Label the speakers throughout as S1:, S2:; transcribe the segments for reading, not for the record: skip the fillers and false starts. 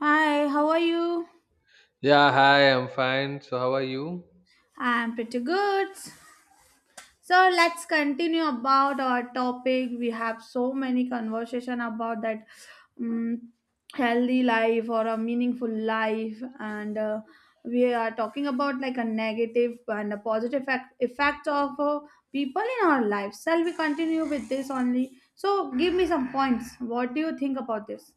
S1: Hi, how are you?
S2: Yeah, hi, I'm fine. So, how are you?
S1: I'm pretty good. So let's continue about our topic. We have so many conversation about that um, healthy life or a meaningful life, and we are talking about like a negative and a positive effect of people in our lives. Shall we continue with this only? So give me some points. What do you think about this?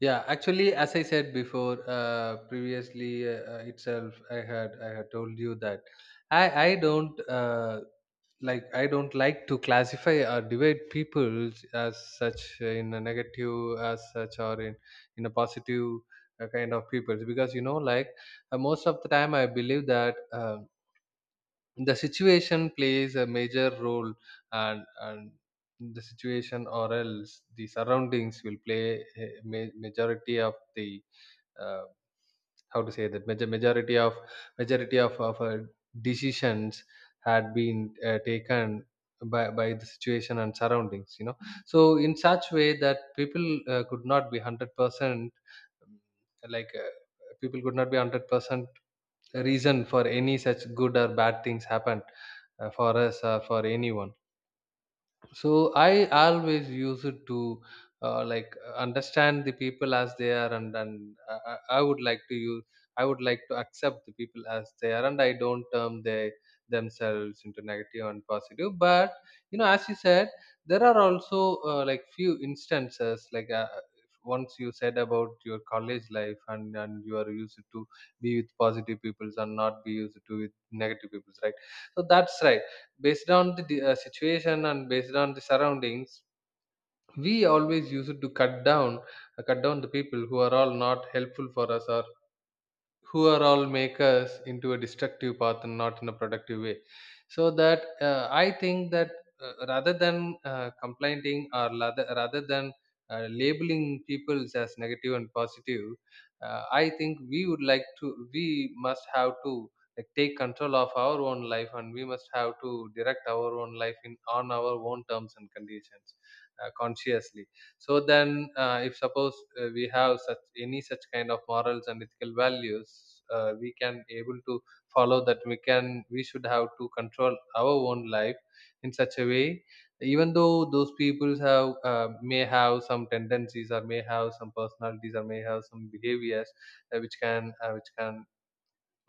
S2: Yeah, actually, as I said before, previously itself, I had told you that I don't like I don't like to classify or divide people as such in a negative as such or in a positive kind of people because you know like most of the time I believe that. The situation plays a major role and the situation or else the surroundings will play a majority of the uh, how to say that majority of majority of decisions had been taken by the situation and surroundings, you know. So in such way that people could not be 100%, um, like people could not be 100% reason for any such good or bad things happen for us or for anyone. So I always use it to like understand the people as they are, and I would like to use I would like to accept the people as they are, and I don't term they themselves into negative and positive. But you know, as you said, there are also like few instances like, once you said about your college life, and you are used to be with positive peoples and not be used to with negative peoples, right? So that's right. Based on the situation and based on the surroundings, we always used to cut down the people who are all not helpful for us, or who are all makers into a destructive path and not in a productive way. So that I think that rather than complaining, or rather than labeling people as negative and positive, I think we would like to we must have to like take control of our own life, and we must have to direct our own life in on our own terms and conditions, consciously. So then if suppose we have such any such kind of morals and ethical values, we can able to follow that, we can we should have to control our own life in such a way. Even though those people have may have some tendencies or may have some personalities or may have some behaviors which can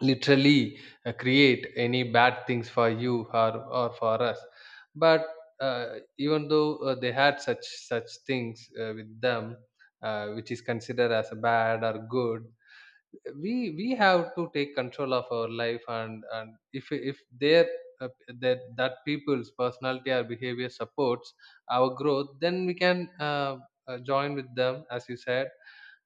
S2: literally create any bad things for you, or for us. But even though they had such such things with them, which is considered as bad or good, we have to take control of our life. And if their uh, that people's personality or behavior supports our growth, then we can join with them, as you said.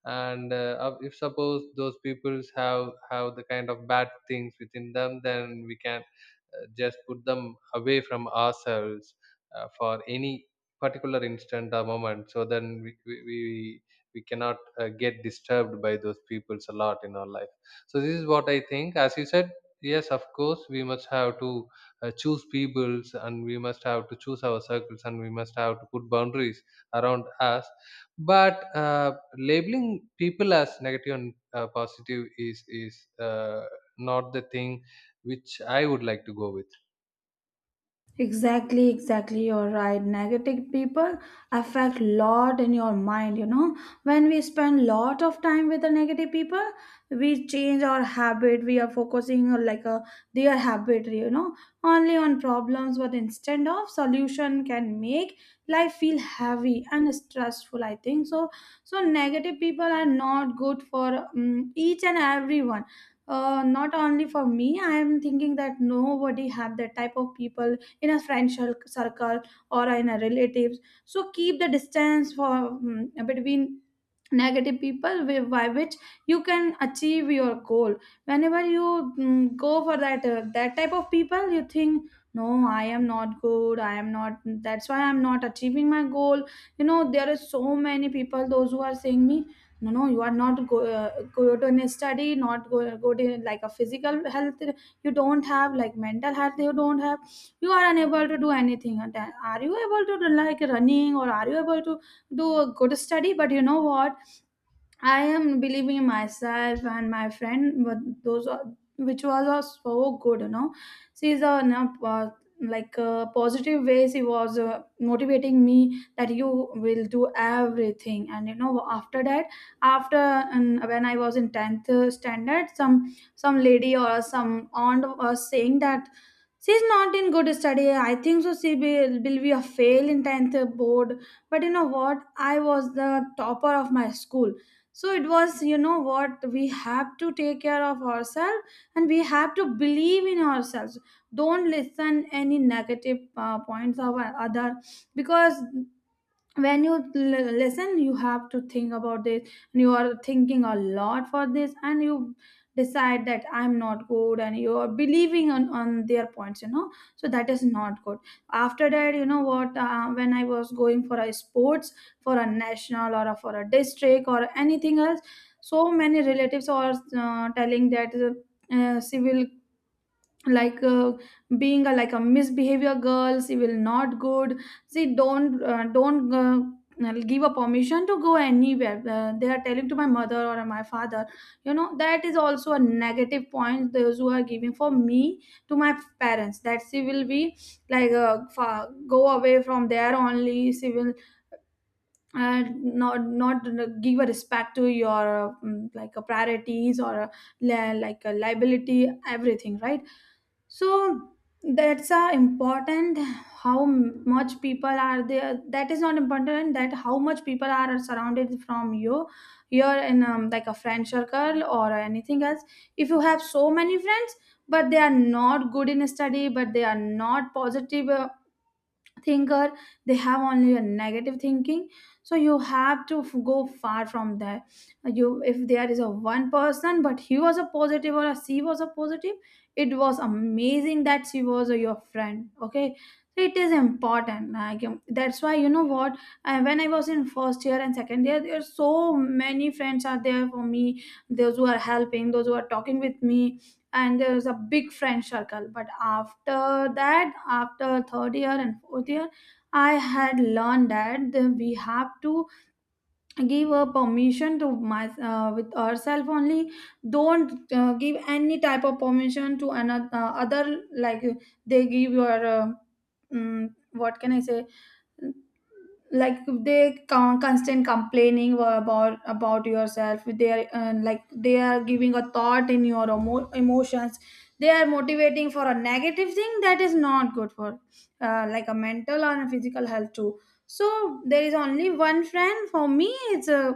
S2: And if suppose those peoples have the kind of bad things within them, then we can just put them away from ourselves for any particular instant or moment, so then we cannot get disturbed by those peoples a lot in our life. So this is what I think. As you said, yes, of course we must have to choose peoples, and we must have to choose our circles, and we must have to put boundaries around us. But labeling people as negative and positive is not the thing which I would like to go with.
S1: Exactly, exactly. You're right. Negative people affect lot in your mind. You know, when we spend lot of time with the negative people, we change our habit. We are focusing on like a their habit. You know, only on problems, but instead of solution can make life feel heavy and stressful. I think so. So negative people are not good for each and everyone. Not only for me, I am thinking that nobody have that type of people in a friend circle or in a relatives. So keep the distance for between negative people, by which you can achieve your goal. Whenever you go for that type of people, you think, no, I am not good, I am not, that's why I'm not achieving my goal. You know, there are so many people those who are saying me, no, no, you are not good in a study, not good in like a physical health, you don't have like mental health, you don't have, you are unable to do anything. And then, are you able to do like running or are you able to do a good study? But you know what, I am believing in myself and my friend, but those are, which was so good, you know. She is a like a positive way. She was motivating me that you will do everything. And you know, after that, after and when I was in tenth standard, some lady or some aunt was saying that she's not in good study, I think so she will be a fail in 10th board. But you know what, I was the topper of my school. So it was, you know what, we have to take care of ourselves and we have to believe in ourselves. Don't listen any negative points of other, because when you listen, you have to think about this, and you are thinking a lot for this, and you decide that I'm not good, and you are believing on their points, you know. So that is not good. After that, you know what, when I was going for a sports, for a national or for a district or anything else, so many relatives are telling that, civil, like being like a misbehavior girls, she will not good. See, don't give a permission to go anywhere, they are telling to my mother or my father. You know, that is also a negative point, those who are giving for me to my parents, that she will be like go away from there, only she will, and not give a respect to your like a priorities or a, like a liability, everything, right? So that's important, how much people are there, that is not important, that how much people are surrounded from you. You're in like a friend circle or anything else. If you have so many friends, but they are not good in study, but they are not positive thinker, they have only a negative thinking, so you have to go far from there. You, if there is a one person but he was a positive or a she was a positive, it was amazing that she was your friend, okay. So it is important like that's why, you know what, when I was in first year and second year, there are so many friends are there for me, those who are helping, those who are talking with me, and there was a big friend circle. But after third year and fourth year, I had learned that we have to give a permission to my with ourselves only. Don't give any type of permission to another other, like, they give your mm, what can I say, like they constant complaining about yourself. They are like they are giving a thought in your emotions. They are motivating for a negative thing that is not good for like a mental or a physical health too. So there is only one friend for me, it's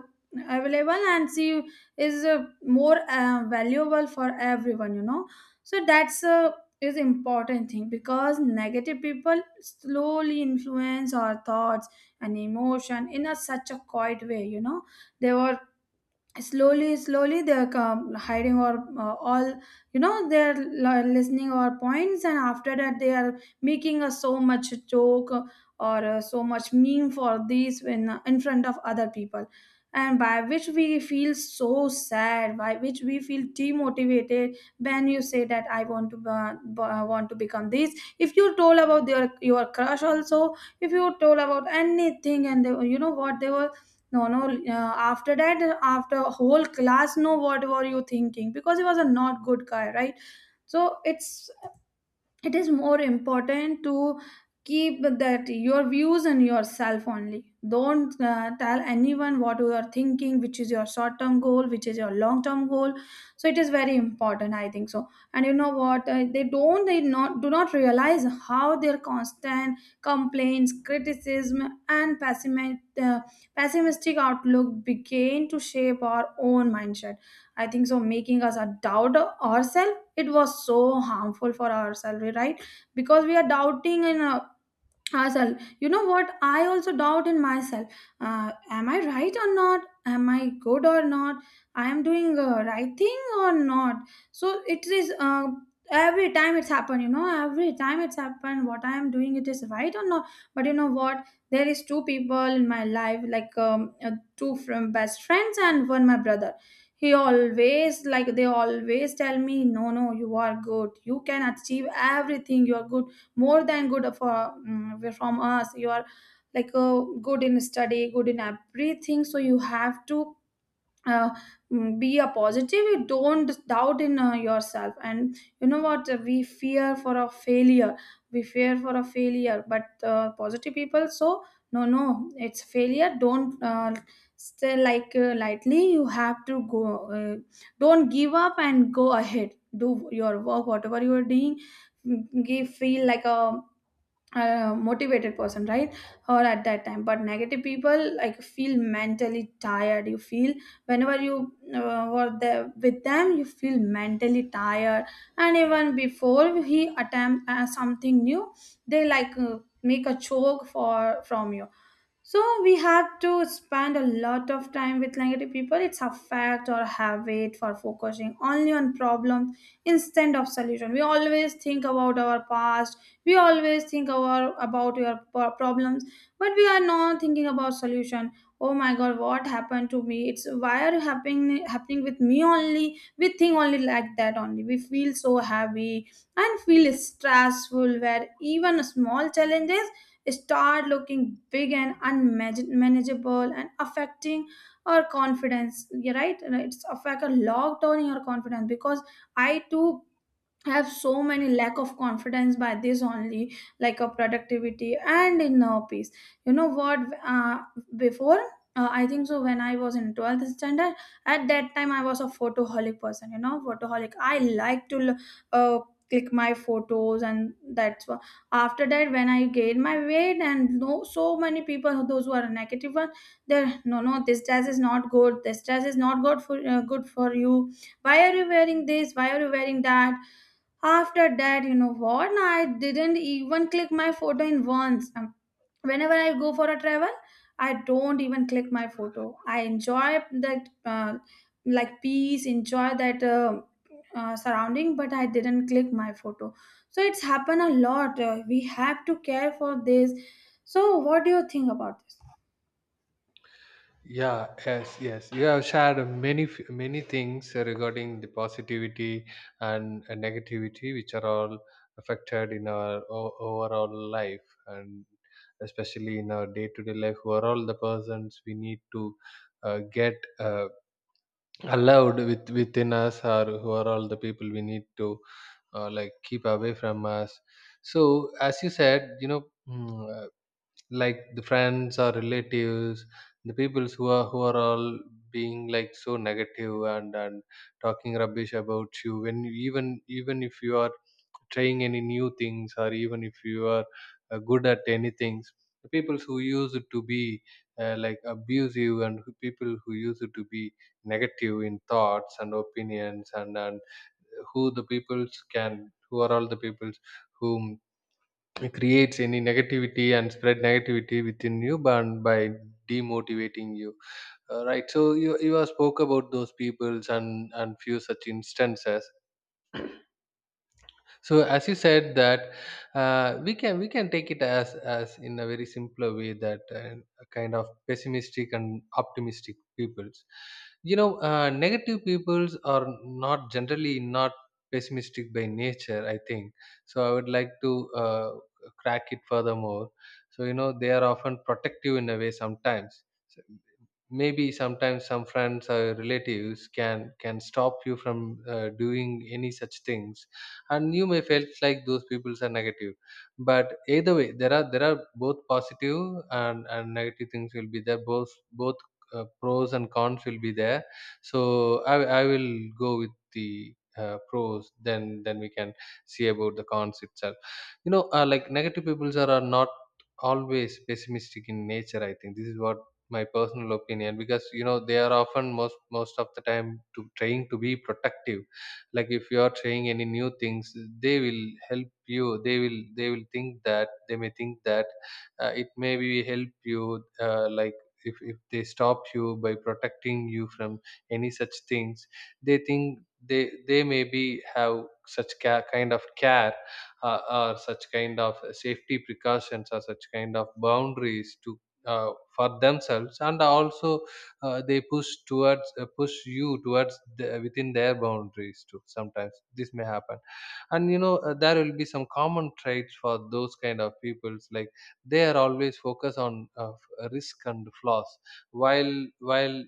S1: available, and she is more valuable for everyone, you know. So that's is important thing, because negative people slowly influence our thoughts and emotion in a such a quiet way, you know. They were slowly slowly they're come hiding or all, you know, they're listening our points, and after that they are making us so much joke or so much meme for these, when in front of other people, and by which we feel so sad, by which we feel demotivated. When you say that I want to want to become this, if you told about your crush also, if you told about anything, and they, you know what, they were, no, no. After that, after whole class, know what were you thinking, because he was a not good guy, right? So it is more important to keep that your views and yourself only. Don't tell anyone what you are thinking, which is your short term goal, which is your long term goal. So it is very important, I think so. And you know what, they not do not realize how their constant complaints, criticism and pessimistic outlook begin to shape our own mindset, I think so, making us a doubt ourselves. It was so harmful for ourselves, right, because we are doubting in ourselves. You know what, I also doubt in myself. Am I right or not, am I good or not, I am doing the right thing or not. So it is every time it's happened, you know, every time it's happened, what I am doing, it is right or not. But you know what, there is two people in my life, like two from best friends and one my brother. He always like they always tell me, no, no, you are good, you can achieve everything, you are good, more than good, for from us, you are like good in study, good in everything. So you have to uh, be a positive, you don't doubt in yourself. And you know what, we fear for a failure, we fear for a failure, but positive people, so, no no, it's failure, don't still like lightly you have to go, uh, don't give up and go ahead, do your work whatever you are doing. Give feel like a motivated person, right, or at that time. But negative people, like, feel mentally tired, you feel, whenever you were there with them, you feel mentally tired, and even before he attempt something new, they like make a choke for from you. So we have to spend a lot of time with negative people, it's a fact or habit for focusing only on problems instead of solution. We always think about our past, we always think about your problems, but we are not thinking about solution. Oh my god, what happened to me, it's, why are happening with me only. We think only like that, only we feel so happy and feel stressful, where even small challenges start looking big and unmanageable and affecting our confidence. You're right, it's affect a lockdown in your confidence, because I too, I have so many lack of confidence by this only, like a productivity and in peace. You know what? Uh, Before, I think so when I was in 12th standard, at that time I was a photoholic person. You know, photoholic. I like to uh, click my photos, and that's why. After that, when I gained my weight and, no, so many people, those who are negative one, they're, no no, this dress is not good. This dress is not good for you. Why are you wearing this? Why are you wearing that? After that, you know what, no, I didn't even click my photo in once. Whenever I go for a travel, I don't even click my photo. I enjoy that, like, peace, enjoy that surrounding, but I didn't click my photo. So it's happened a lot. We have to care for this. So what do you think about this?
S2: Yeah, yes, yes. You have shared many many things regarding the positivity and negativity, which are all affected in our overall life, and especially in our day-to-day life. Who are all the persons we need to get allowed with within us, or who are all the people we need to like keep away from us. So, as you said, you know. Mm. Like the friends or relatives, the peoples who are all being like so negative, and talking rubbish about you when you, even if you are trying any new things, or even if you are good at any things. The peoples who used to be like abusive, and who, people who used to be negative in thoughts and opinions, and who the peoples can who are all the peoples whom it creates any negativity and spread negativity within you and by demotivating you, right? So you have spoke about those peoples and few such instances. So as you said that we can take it as in a very simpler way, that a kind of pessimistic and optimistic peoples, you know. Negative peoples are not generally not pessimistic by nature, I think. So I would like to uh, crack it furthermore. So you know, they are often protective in a way, sometimes. So, maybe sometimes some friends or relatives can stop you from doing any such things, and you may felt like those people are negative. But either way, there are both positive and negative things will be there, both both pros and cons will be there. So I will go with the pros, then we can see about the cons itself. You know, like negative people are not always pessimistic in nature, I think. This is what my personal opinion, because you know, they are often most most of the time to trying to be protective. Like if you are trying any new things, they will help you, they will think that, they may think that it may be help you. Like if they stop you by protecting you from any such things, they think they maybe have such kind of care, or such kind of safety precautions or such kind of boundaries to for themselves, and also they push towards push you towards the, within their boundaries too. Sometimes this may happen. And you know, there will be some common traits for those kind of peoples, like they are always focused on risk and flaws, while while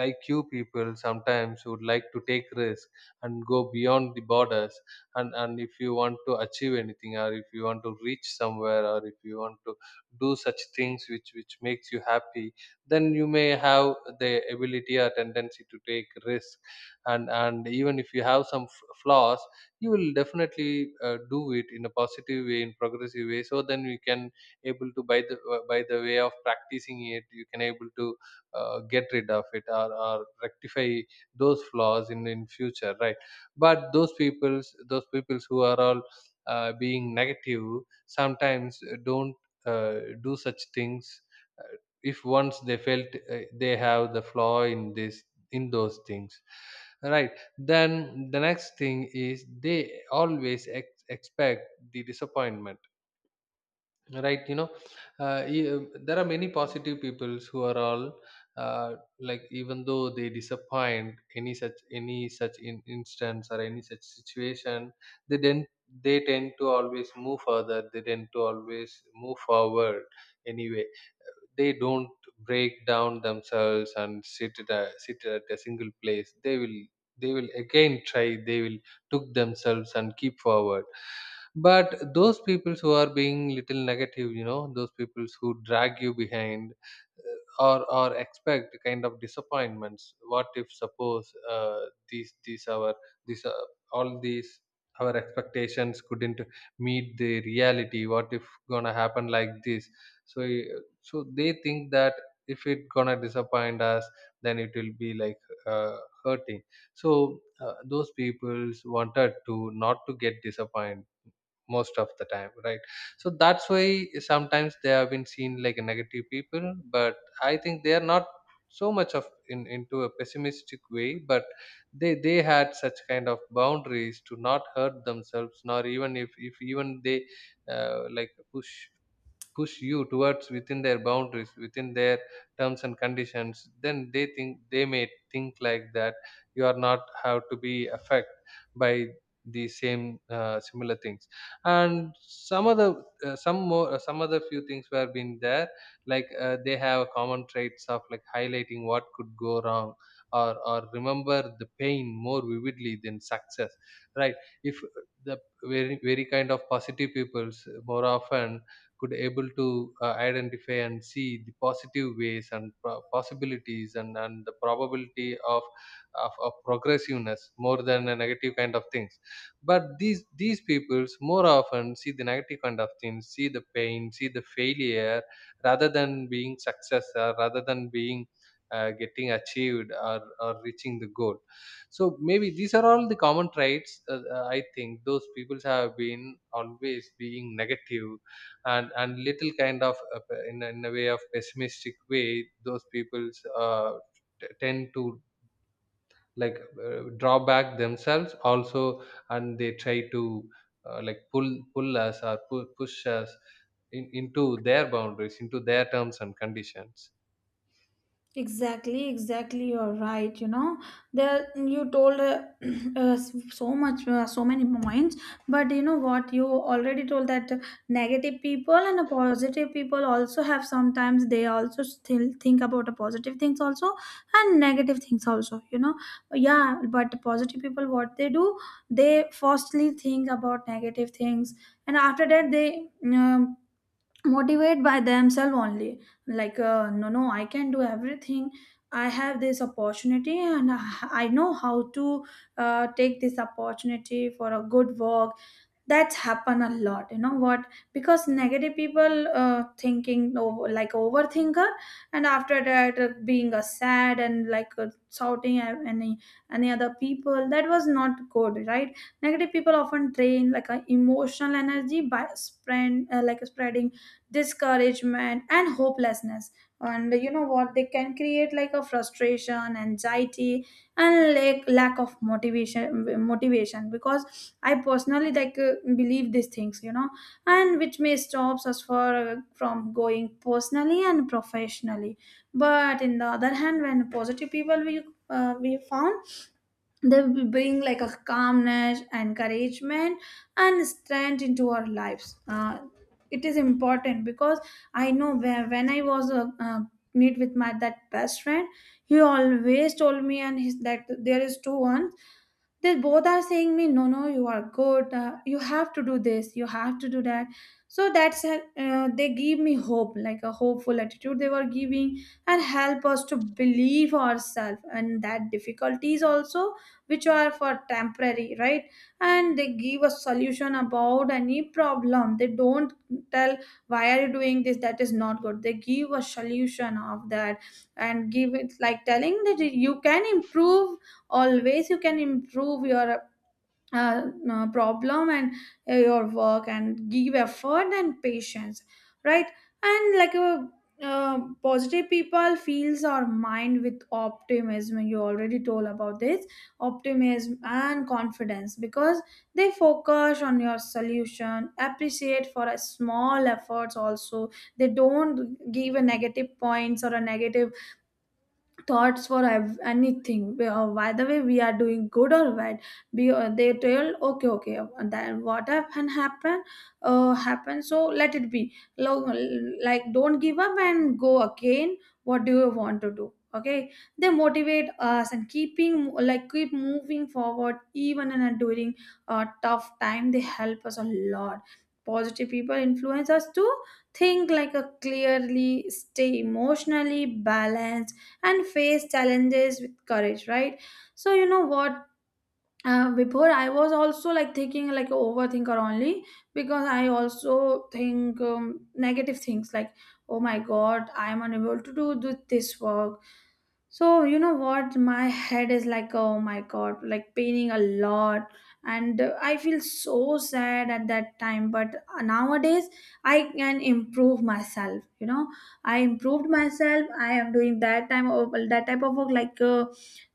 S2: like you people sometimes would like to take risk and go beyond the borders. And if you want to achieve anything, or if you want to reach somewhere, or if you want to do such things which makes you happy, then you may have the ability or tendency to take risk. And even if you have some flaws, you will definitely do it in a positive way in progressive way, so then you can able to by the way of practicing it, you can able to get rid of it, or rectify those flaws in future, right? But those peoples who are all being negative sometimes don't do such things, uh, if once they felt they have the flaw in this in those things, right? Then the next thing is, they always expect the disappointment, right? You know, uh, e- uh, there are many positive peoples who are all uh, like even though they disappoint any such instance or any such situation, they then they tend to always move further, they tend to always move forward anyway. They don't break down themselves and sit at a single place. They will they will again try, they will took themselves and keep forward. But those people who are being little negative, you know, those people who drag you behind, or expect kind of disappointments. What if suppose these our these all these our expectations couldn't meet the reality, what if gonna happen like this? So so they think that if it gonna disappoint us, then it will be like uh, hurting. So those peoples wanted to not to get disappointed most of the time, right? So that's why sometimes they have been seen like negative people. But I think they are not so much of in into a pessimistic way, but they had such kind of boundaries to not hurt themselves, nor even if even they like push push you towards within their boundaries, within their terms and conditions. Then they think they may think like that you are not have to be affected by the same similar things. And some other some more some other few things were been there, like they have common traits of like highlighting what could go wrong, or remember the pain more vividly than success, right? If the very kind of positive peoples more often could able to identify and see the positive ways and possibilities, and the probability of, of progressiveness more than a negative kind of things. But these peoples more often see the negative kind of things, see the pain, see the failure rather than being success or rather than being getting achieved or reaching the goal. So maybe these are all the common traits. I think those people have been always being negative, and little kind of in a way of pessimistic way. Those people's tend to, like, draw back themselves also, and they try to like pull us or push us into their boundaries, into their terms and conditions.
S1: Exactly, exactly. You're right. You know, there you told uh, so much, so many points. But you know what? You already told that negative people and a positive people also have sometimes they also still think about the positive things also and negative things also. Yeah. But positive people, what they do, they firstly think about negative things, and after that they motivate by themselves only like no, I can do everything. I have this opportunity and I know how to take this opportunity for a good work. That's happen a lot, you know what, because negative people, thinking over, like overthinker, and after that being a sad and like shouting at any other people. That was not good, right? Negative people often drain like a emotional energy by spread like spreading discouragement and hopelessness. And you know what, they can create like a frustration, anxiety, and like lack of motivation, because I personally like believe these things, you know, and which may stops us for from going personally and professionally. But in the other hand, when positive people, we found they will bring like a calmness, encouragement, and strength into our lives. It is important because I know where, when I was meet with my that best friend, he always told me and his that there is two one, they both are saying me, no no, you are good. You have to do this, you have to do that. So that's they give me hope, like a hopeful attitude they were giving, and help us to believe ourselves and that difficulties also, which are for temporary, right? And they give a solution about any problem. They don't tell why are you doing this, that is not good. They give a solution of that, and give it like telling that you can improve. Always you can improve your uh, problem and your work, and give effort and patience, right? And like a positive people fills our mind with optimism. You already told about this optimism and confidence, because they focus on your solution, appreciate for a small efforts also. They don't give a negative points or a negative thoughts for anything. We, by the way, we are doing good or bad. They tell okay okay, then what happen, so let it be. Like, don't give up and go again. What do you want to do? Okay. They motivate us and keeping like keep moving forward even in a during a tough time. They help us a lot. Positive people influence us to think like a clearly, stay emotionally balanced, and face challenges with courage, right? So you know what, before I was also like thinking like a overthinker only, because I also think negative things like, oh my god, I am unable to do this work. So you know what, my head is like, oh my god, like paining a lot. And I feel so sad at that time. But nowadays I can improve myself, you know, I improved myself. I am doing that time of that type of work, like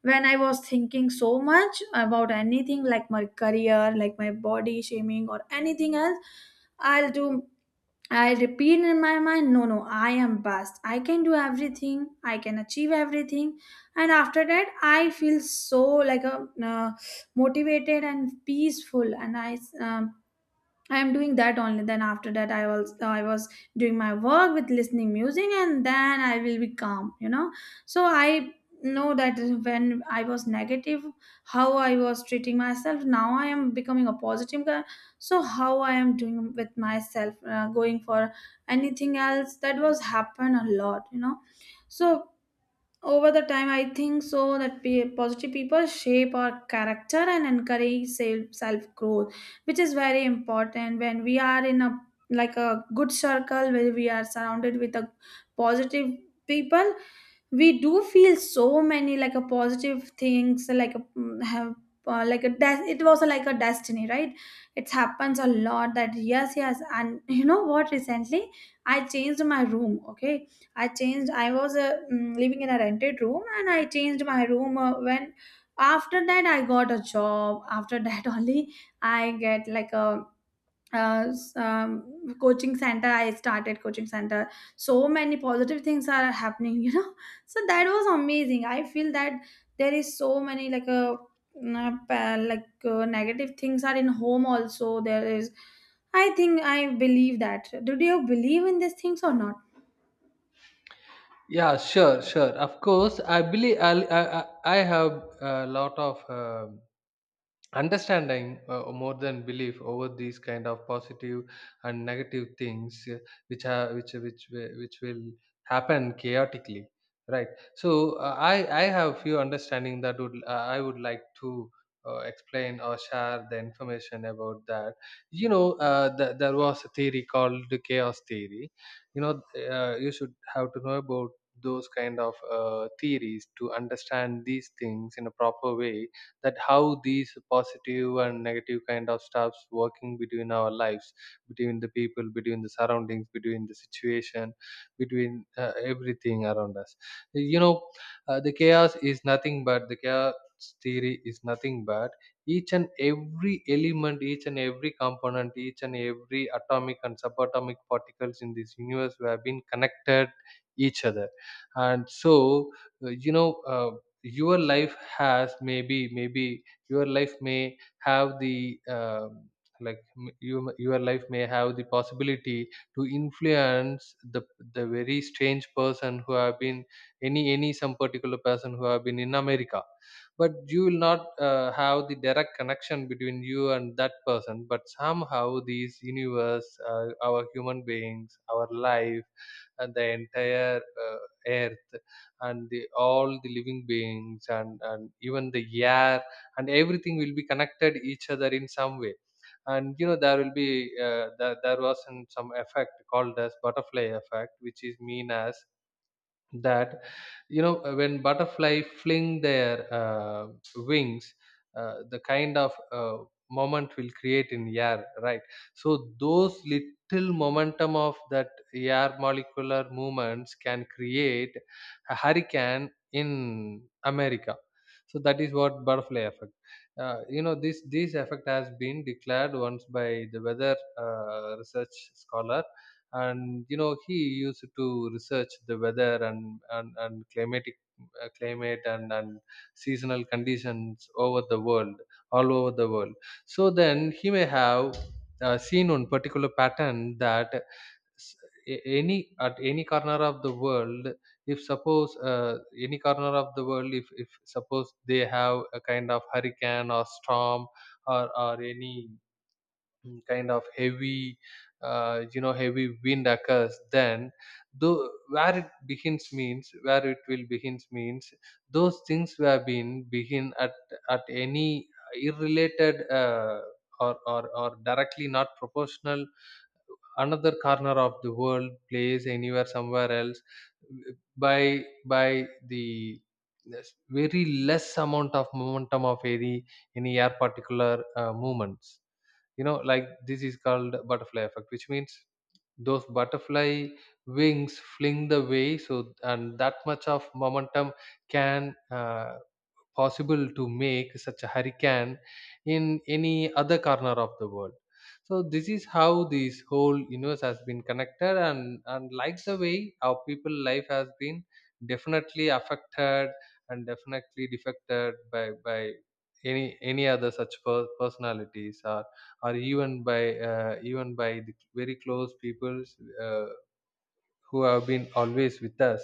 S1: when I was thinking so much about anything like my career, like my body shaming or anything else, I'll do, I repeat in my mind, no no, I am best. I can do everything, I can achieve everything. And after that I feel so like a motivated and peaceful, and I am doing that only. Then after that, I was doing my work with listening music, and then I will be calm. You know, so I know that when I was negative, how I was treating myself. Now I am becoming a positive guy. So how I am doing with myself, going for anything else, that was happen a lot. You know, so over the time, I think so that positive people shape our character and encourage self growth, which is very important when we are in a like a good circle where we are surrounded with a positive people. We do feel so many like a positive things like have like a it was like a destiny, right? It happens a lot. That, yes yes, and you know what, recently I changed my room, okay? I changed, I was living in a rented room, and I changed my room when, after that I got a job. After that only I get like a coaching center, I started coaching center. So many positive things are happening, you know. So that was amazing. I feel that there is so many like a like negative things are in home also. There is, I think, I believe that. Do you believe in these things or not?
S2: Yeah, sure, sure, of course I believe. I I have a lot of understanding, more than belief, over these kind of positive and negative things, which are which will happen chaotically, right? So uh, i I have few understanding that would, I would like to explain or share the information about that. You know, there was a theory called the chaos theory, you know. You should have to know about those kind of theories to understand these things in a proper way, that how these positive and negative kind of stuffs working between our lives, between the people, between the surroundings, between the situation, between everything around us. You know, the chaos is nothing but the chaos theory is nothing but each and every element, each and every component, each and every atomic and subatomic particles in this universe have been connected each other. And so you know, uh, your life has maybe your life may have the like your life may have the possibility to influence the very strange person who have been, any some particular person who have been in America. But you will not have the direct connection between you and that person, but somehow these universe, our human beings, our life and the entire earth and the all the living beings and even the air and everything will be connected each other in some way. And you know, there will be there was an, some effect called as butterfly effect, which is mean as that, you know, when butterfly fling their wings, the kind of moment will create in air, right? So those little momentum of that air molecular movements can create a hurricane in America. So that is what butterfly effect. You know, this effect has been declared once by the weather research scholar. And you know, he used to research the weather and climatic climate and seasonal conditions over the world, all over the world. So then he may have seen one particular pattern that, s- any at any corner of the world, if suppose any corner of the world, if suppose they have a kind of hurricane or storm or any, mm, kind of heavy you know, heavy wind occurs, then though, where it will begins means those things were been begin at any irrelated or directly not proportional another corner of the world, place anywhere somewhere else by by the yes, very less amount of momentum of any air particular movements. You know, like this is called butterfly effect, which means those butterfly wings fling the way, so and that much of momentum can possible to make such a hurricane in any other corner of the world. So this is how this whole universe has been connected, and like the way our people life has been definitely affected and definitely defected by any other such personalities or even by the very close people's, uh, who have been always with us.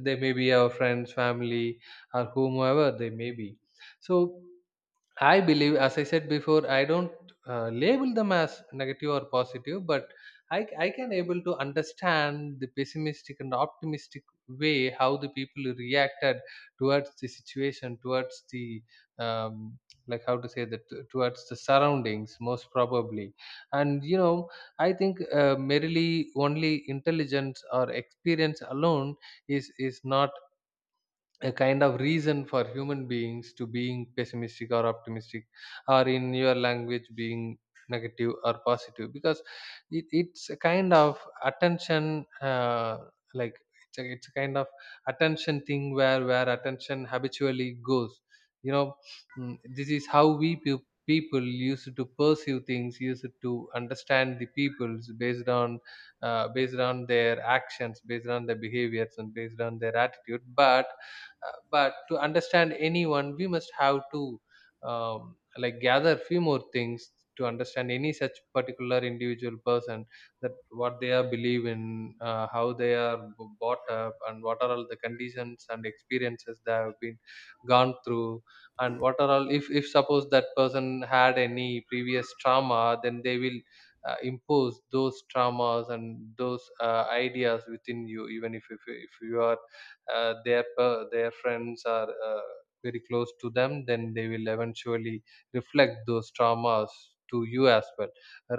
S2: They may be our friends, family, or whomever they may be. So I believe, as I said before, I don't, label them as negative or positive, but I can able to understand the pessimistic and optimistic way how the people reacted towards the situation, towards the, um, like how to say that, towards the surroundings most probably. And you know, I think merely only intelligence or experience alone is not a kind of reason for human beings to being pessimistic or optimistic, or in your language being negative or positive, because it's a kind of attention, like it's a kind of attention thing, where attention habitually goes. You know, mm, this is how people used to perceive things, used to understand the peoples based on, based on their actions, based on their behaviors, and based on their attitude. But But to understand anyone, we must have to, like, gather few more things to understand any such particular individual person, that what they are believe in, how they are brought up, and what are all the conditions and experiences they have been gone through, and what are all, if suppose that person had any previous trauma, then they will impose those traumas and those ideas within you. Even if you are their friends are very close to them, then they will eventually reflect those traumas to you as well,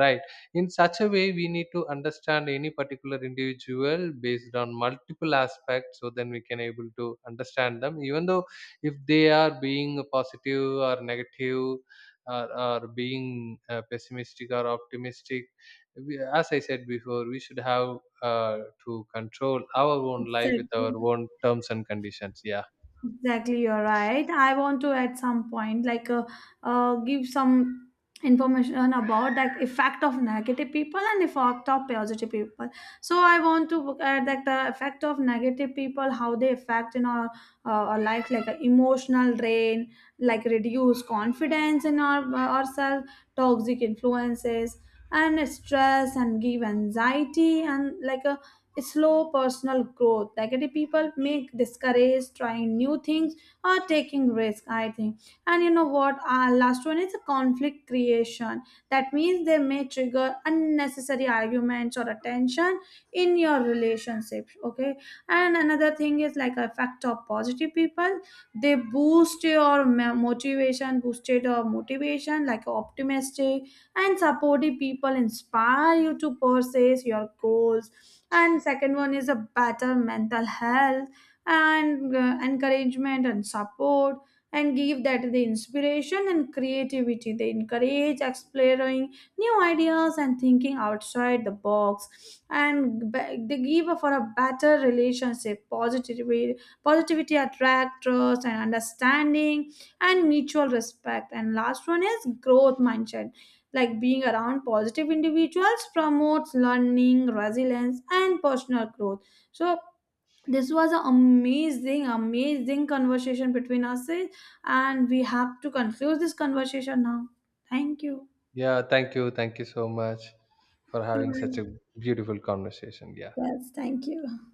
S2: right? In such a way we need to understand any particular individual based on multiple aspects, so then we can able to understand them, even though if they are being positive or negative, or being pessimistic or optimistic. We, as I said before, we should have uh, to control our own life with our
S1: Exactly.
S2: own terms and conditions. Yeah.
S1: Exactly, you're right. I want to at some point like give some information about that effect of negative people and effect of positive people. So I want to look at that the effect of negative people, how they affect in our our life, like emotional drain, like reduce confidence in our ourselves, toxic influences, and stress, and give anxiety, and like a slow personal growth. Negative people may discourage trying new things or taking risks, I think. And you know what? Our last one is conflict creation. That means they may trigger unnecessary arguments or attention in your relationships. Okay. And another thing is like effect of positive people. They boost your motivation, boosted your motivation, like optimistic and supportive people inspire you to pursue your goals. And second one is a better mental health, and encouragement and support, and give that the inspiration and creativity. They encourage exploring new ideas and thinking outside the box. And they give for a better relationship. Positivity attract trust and understanding and mutual respect. And last one is growth mindset, like being around positive individuals promotes learning, resilience, and personal growth. So this was an amazing conversation between us, and we have to conclude this conversation now. Thank you.
S2: Yeah, thank you. Thank you so much for having such a beautiful conversation. Yeah.
S1: Yes, thank you.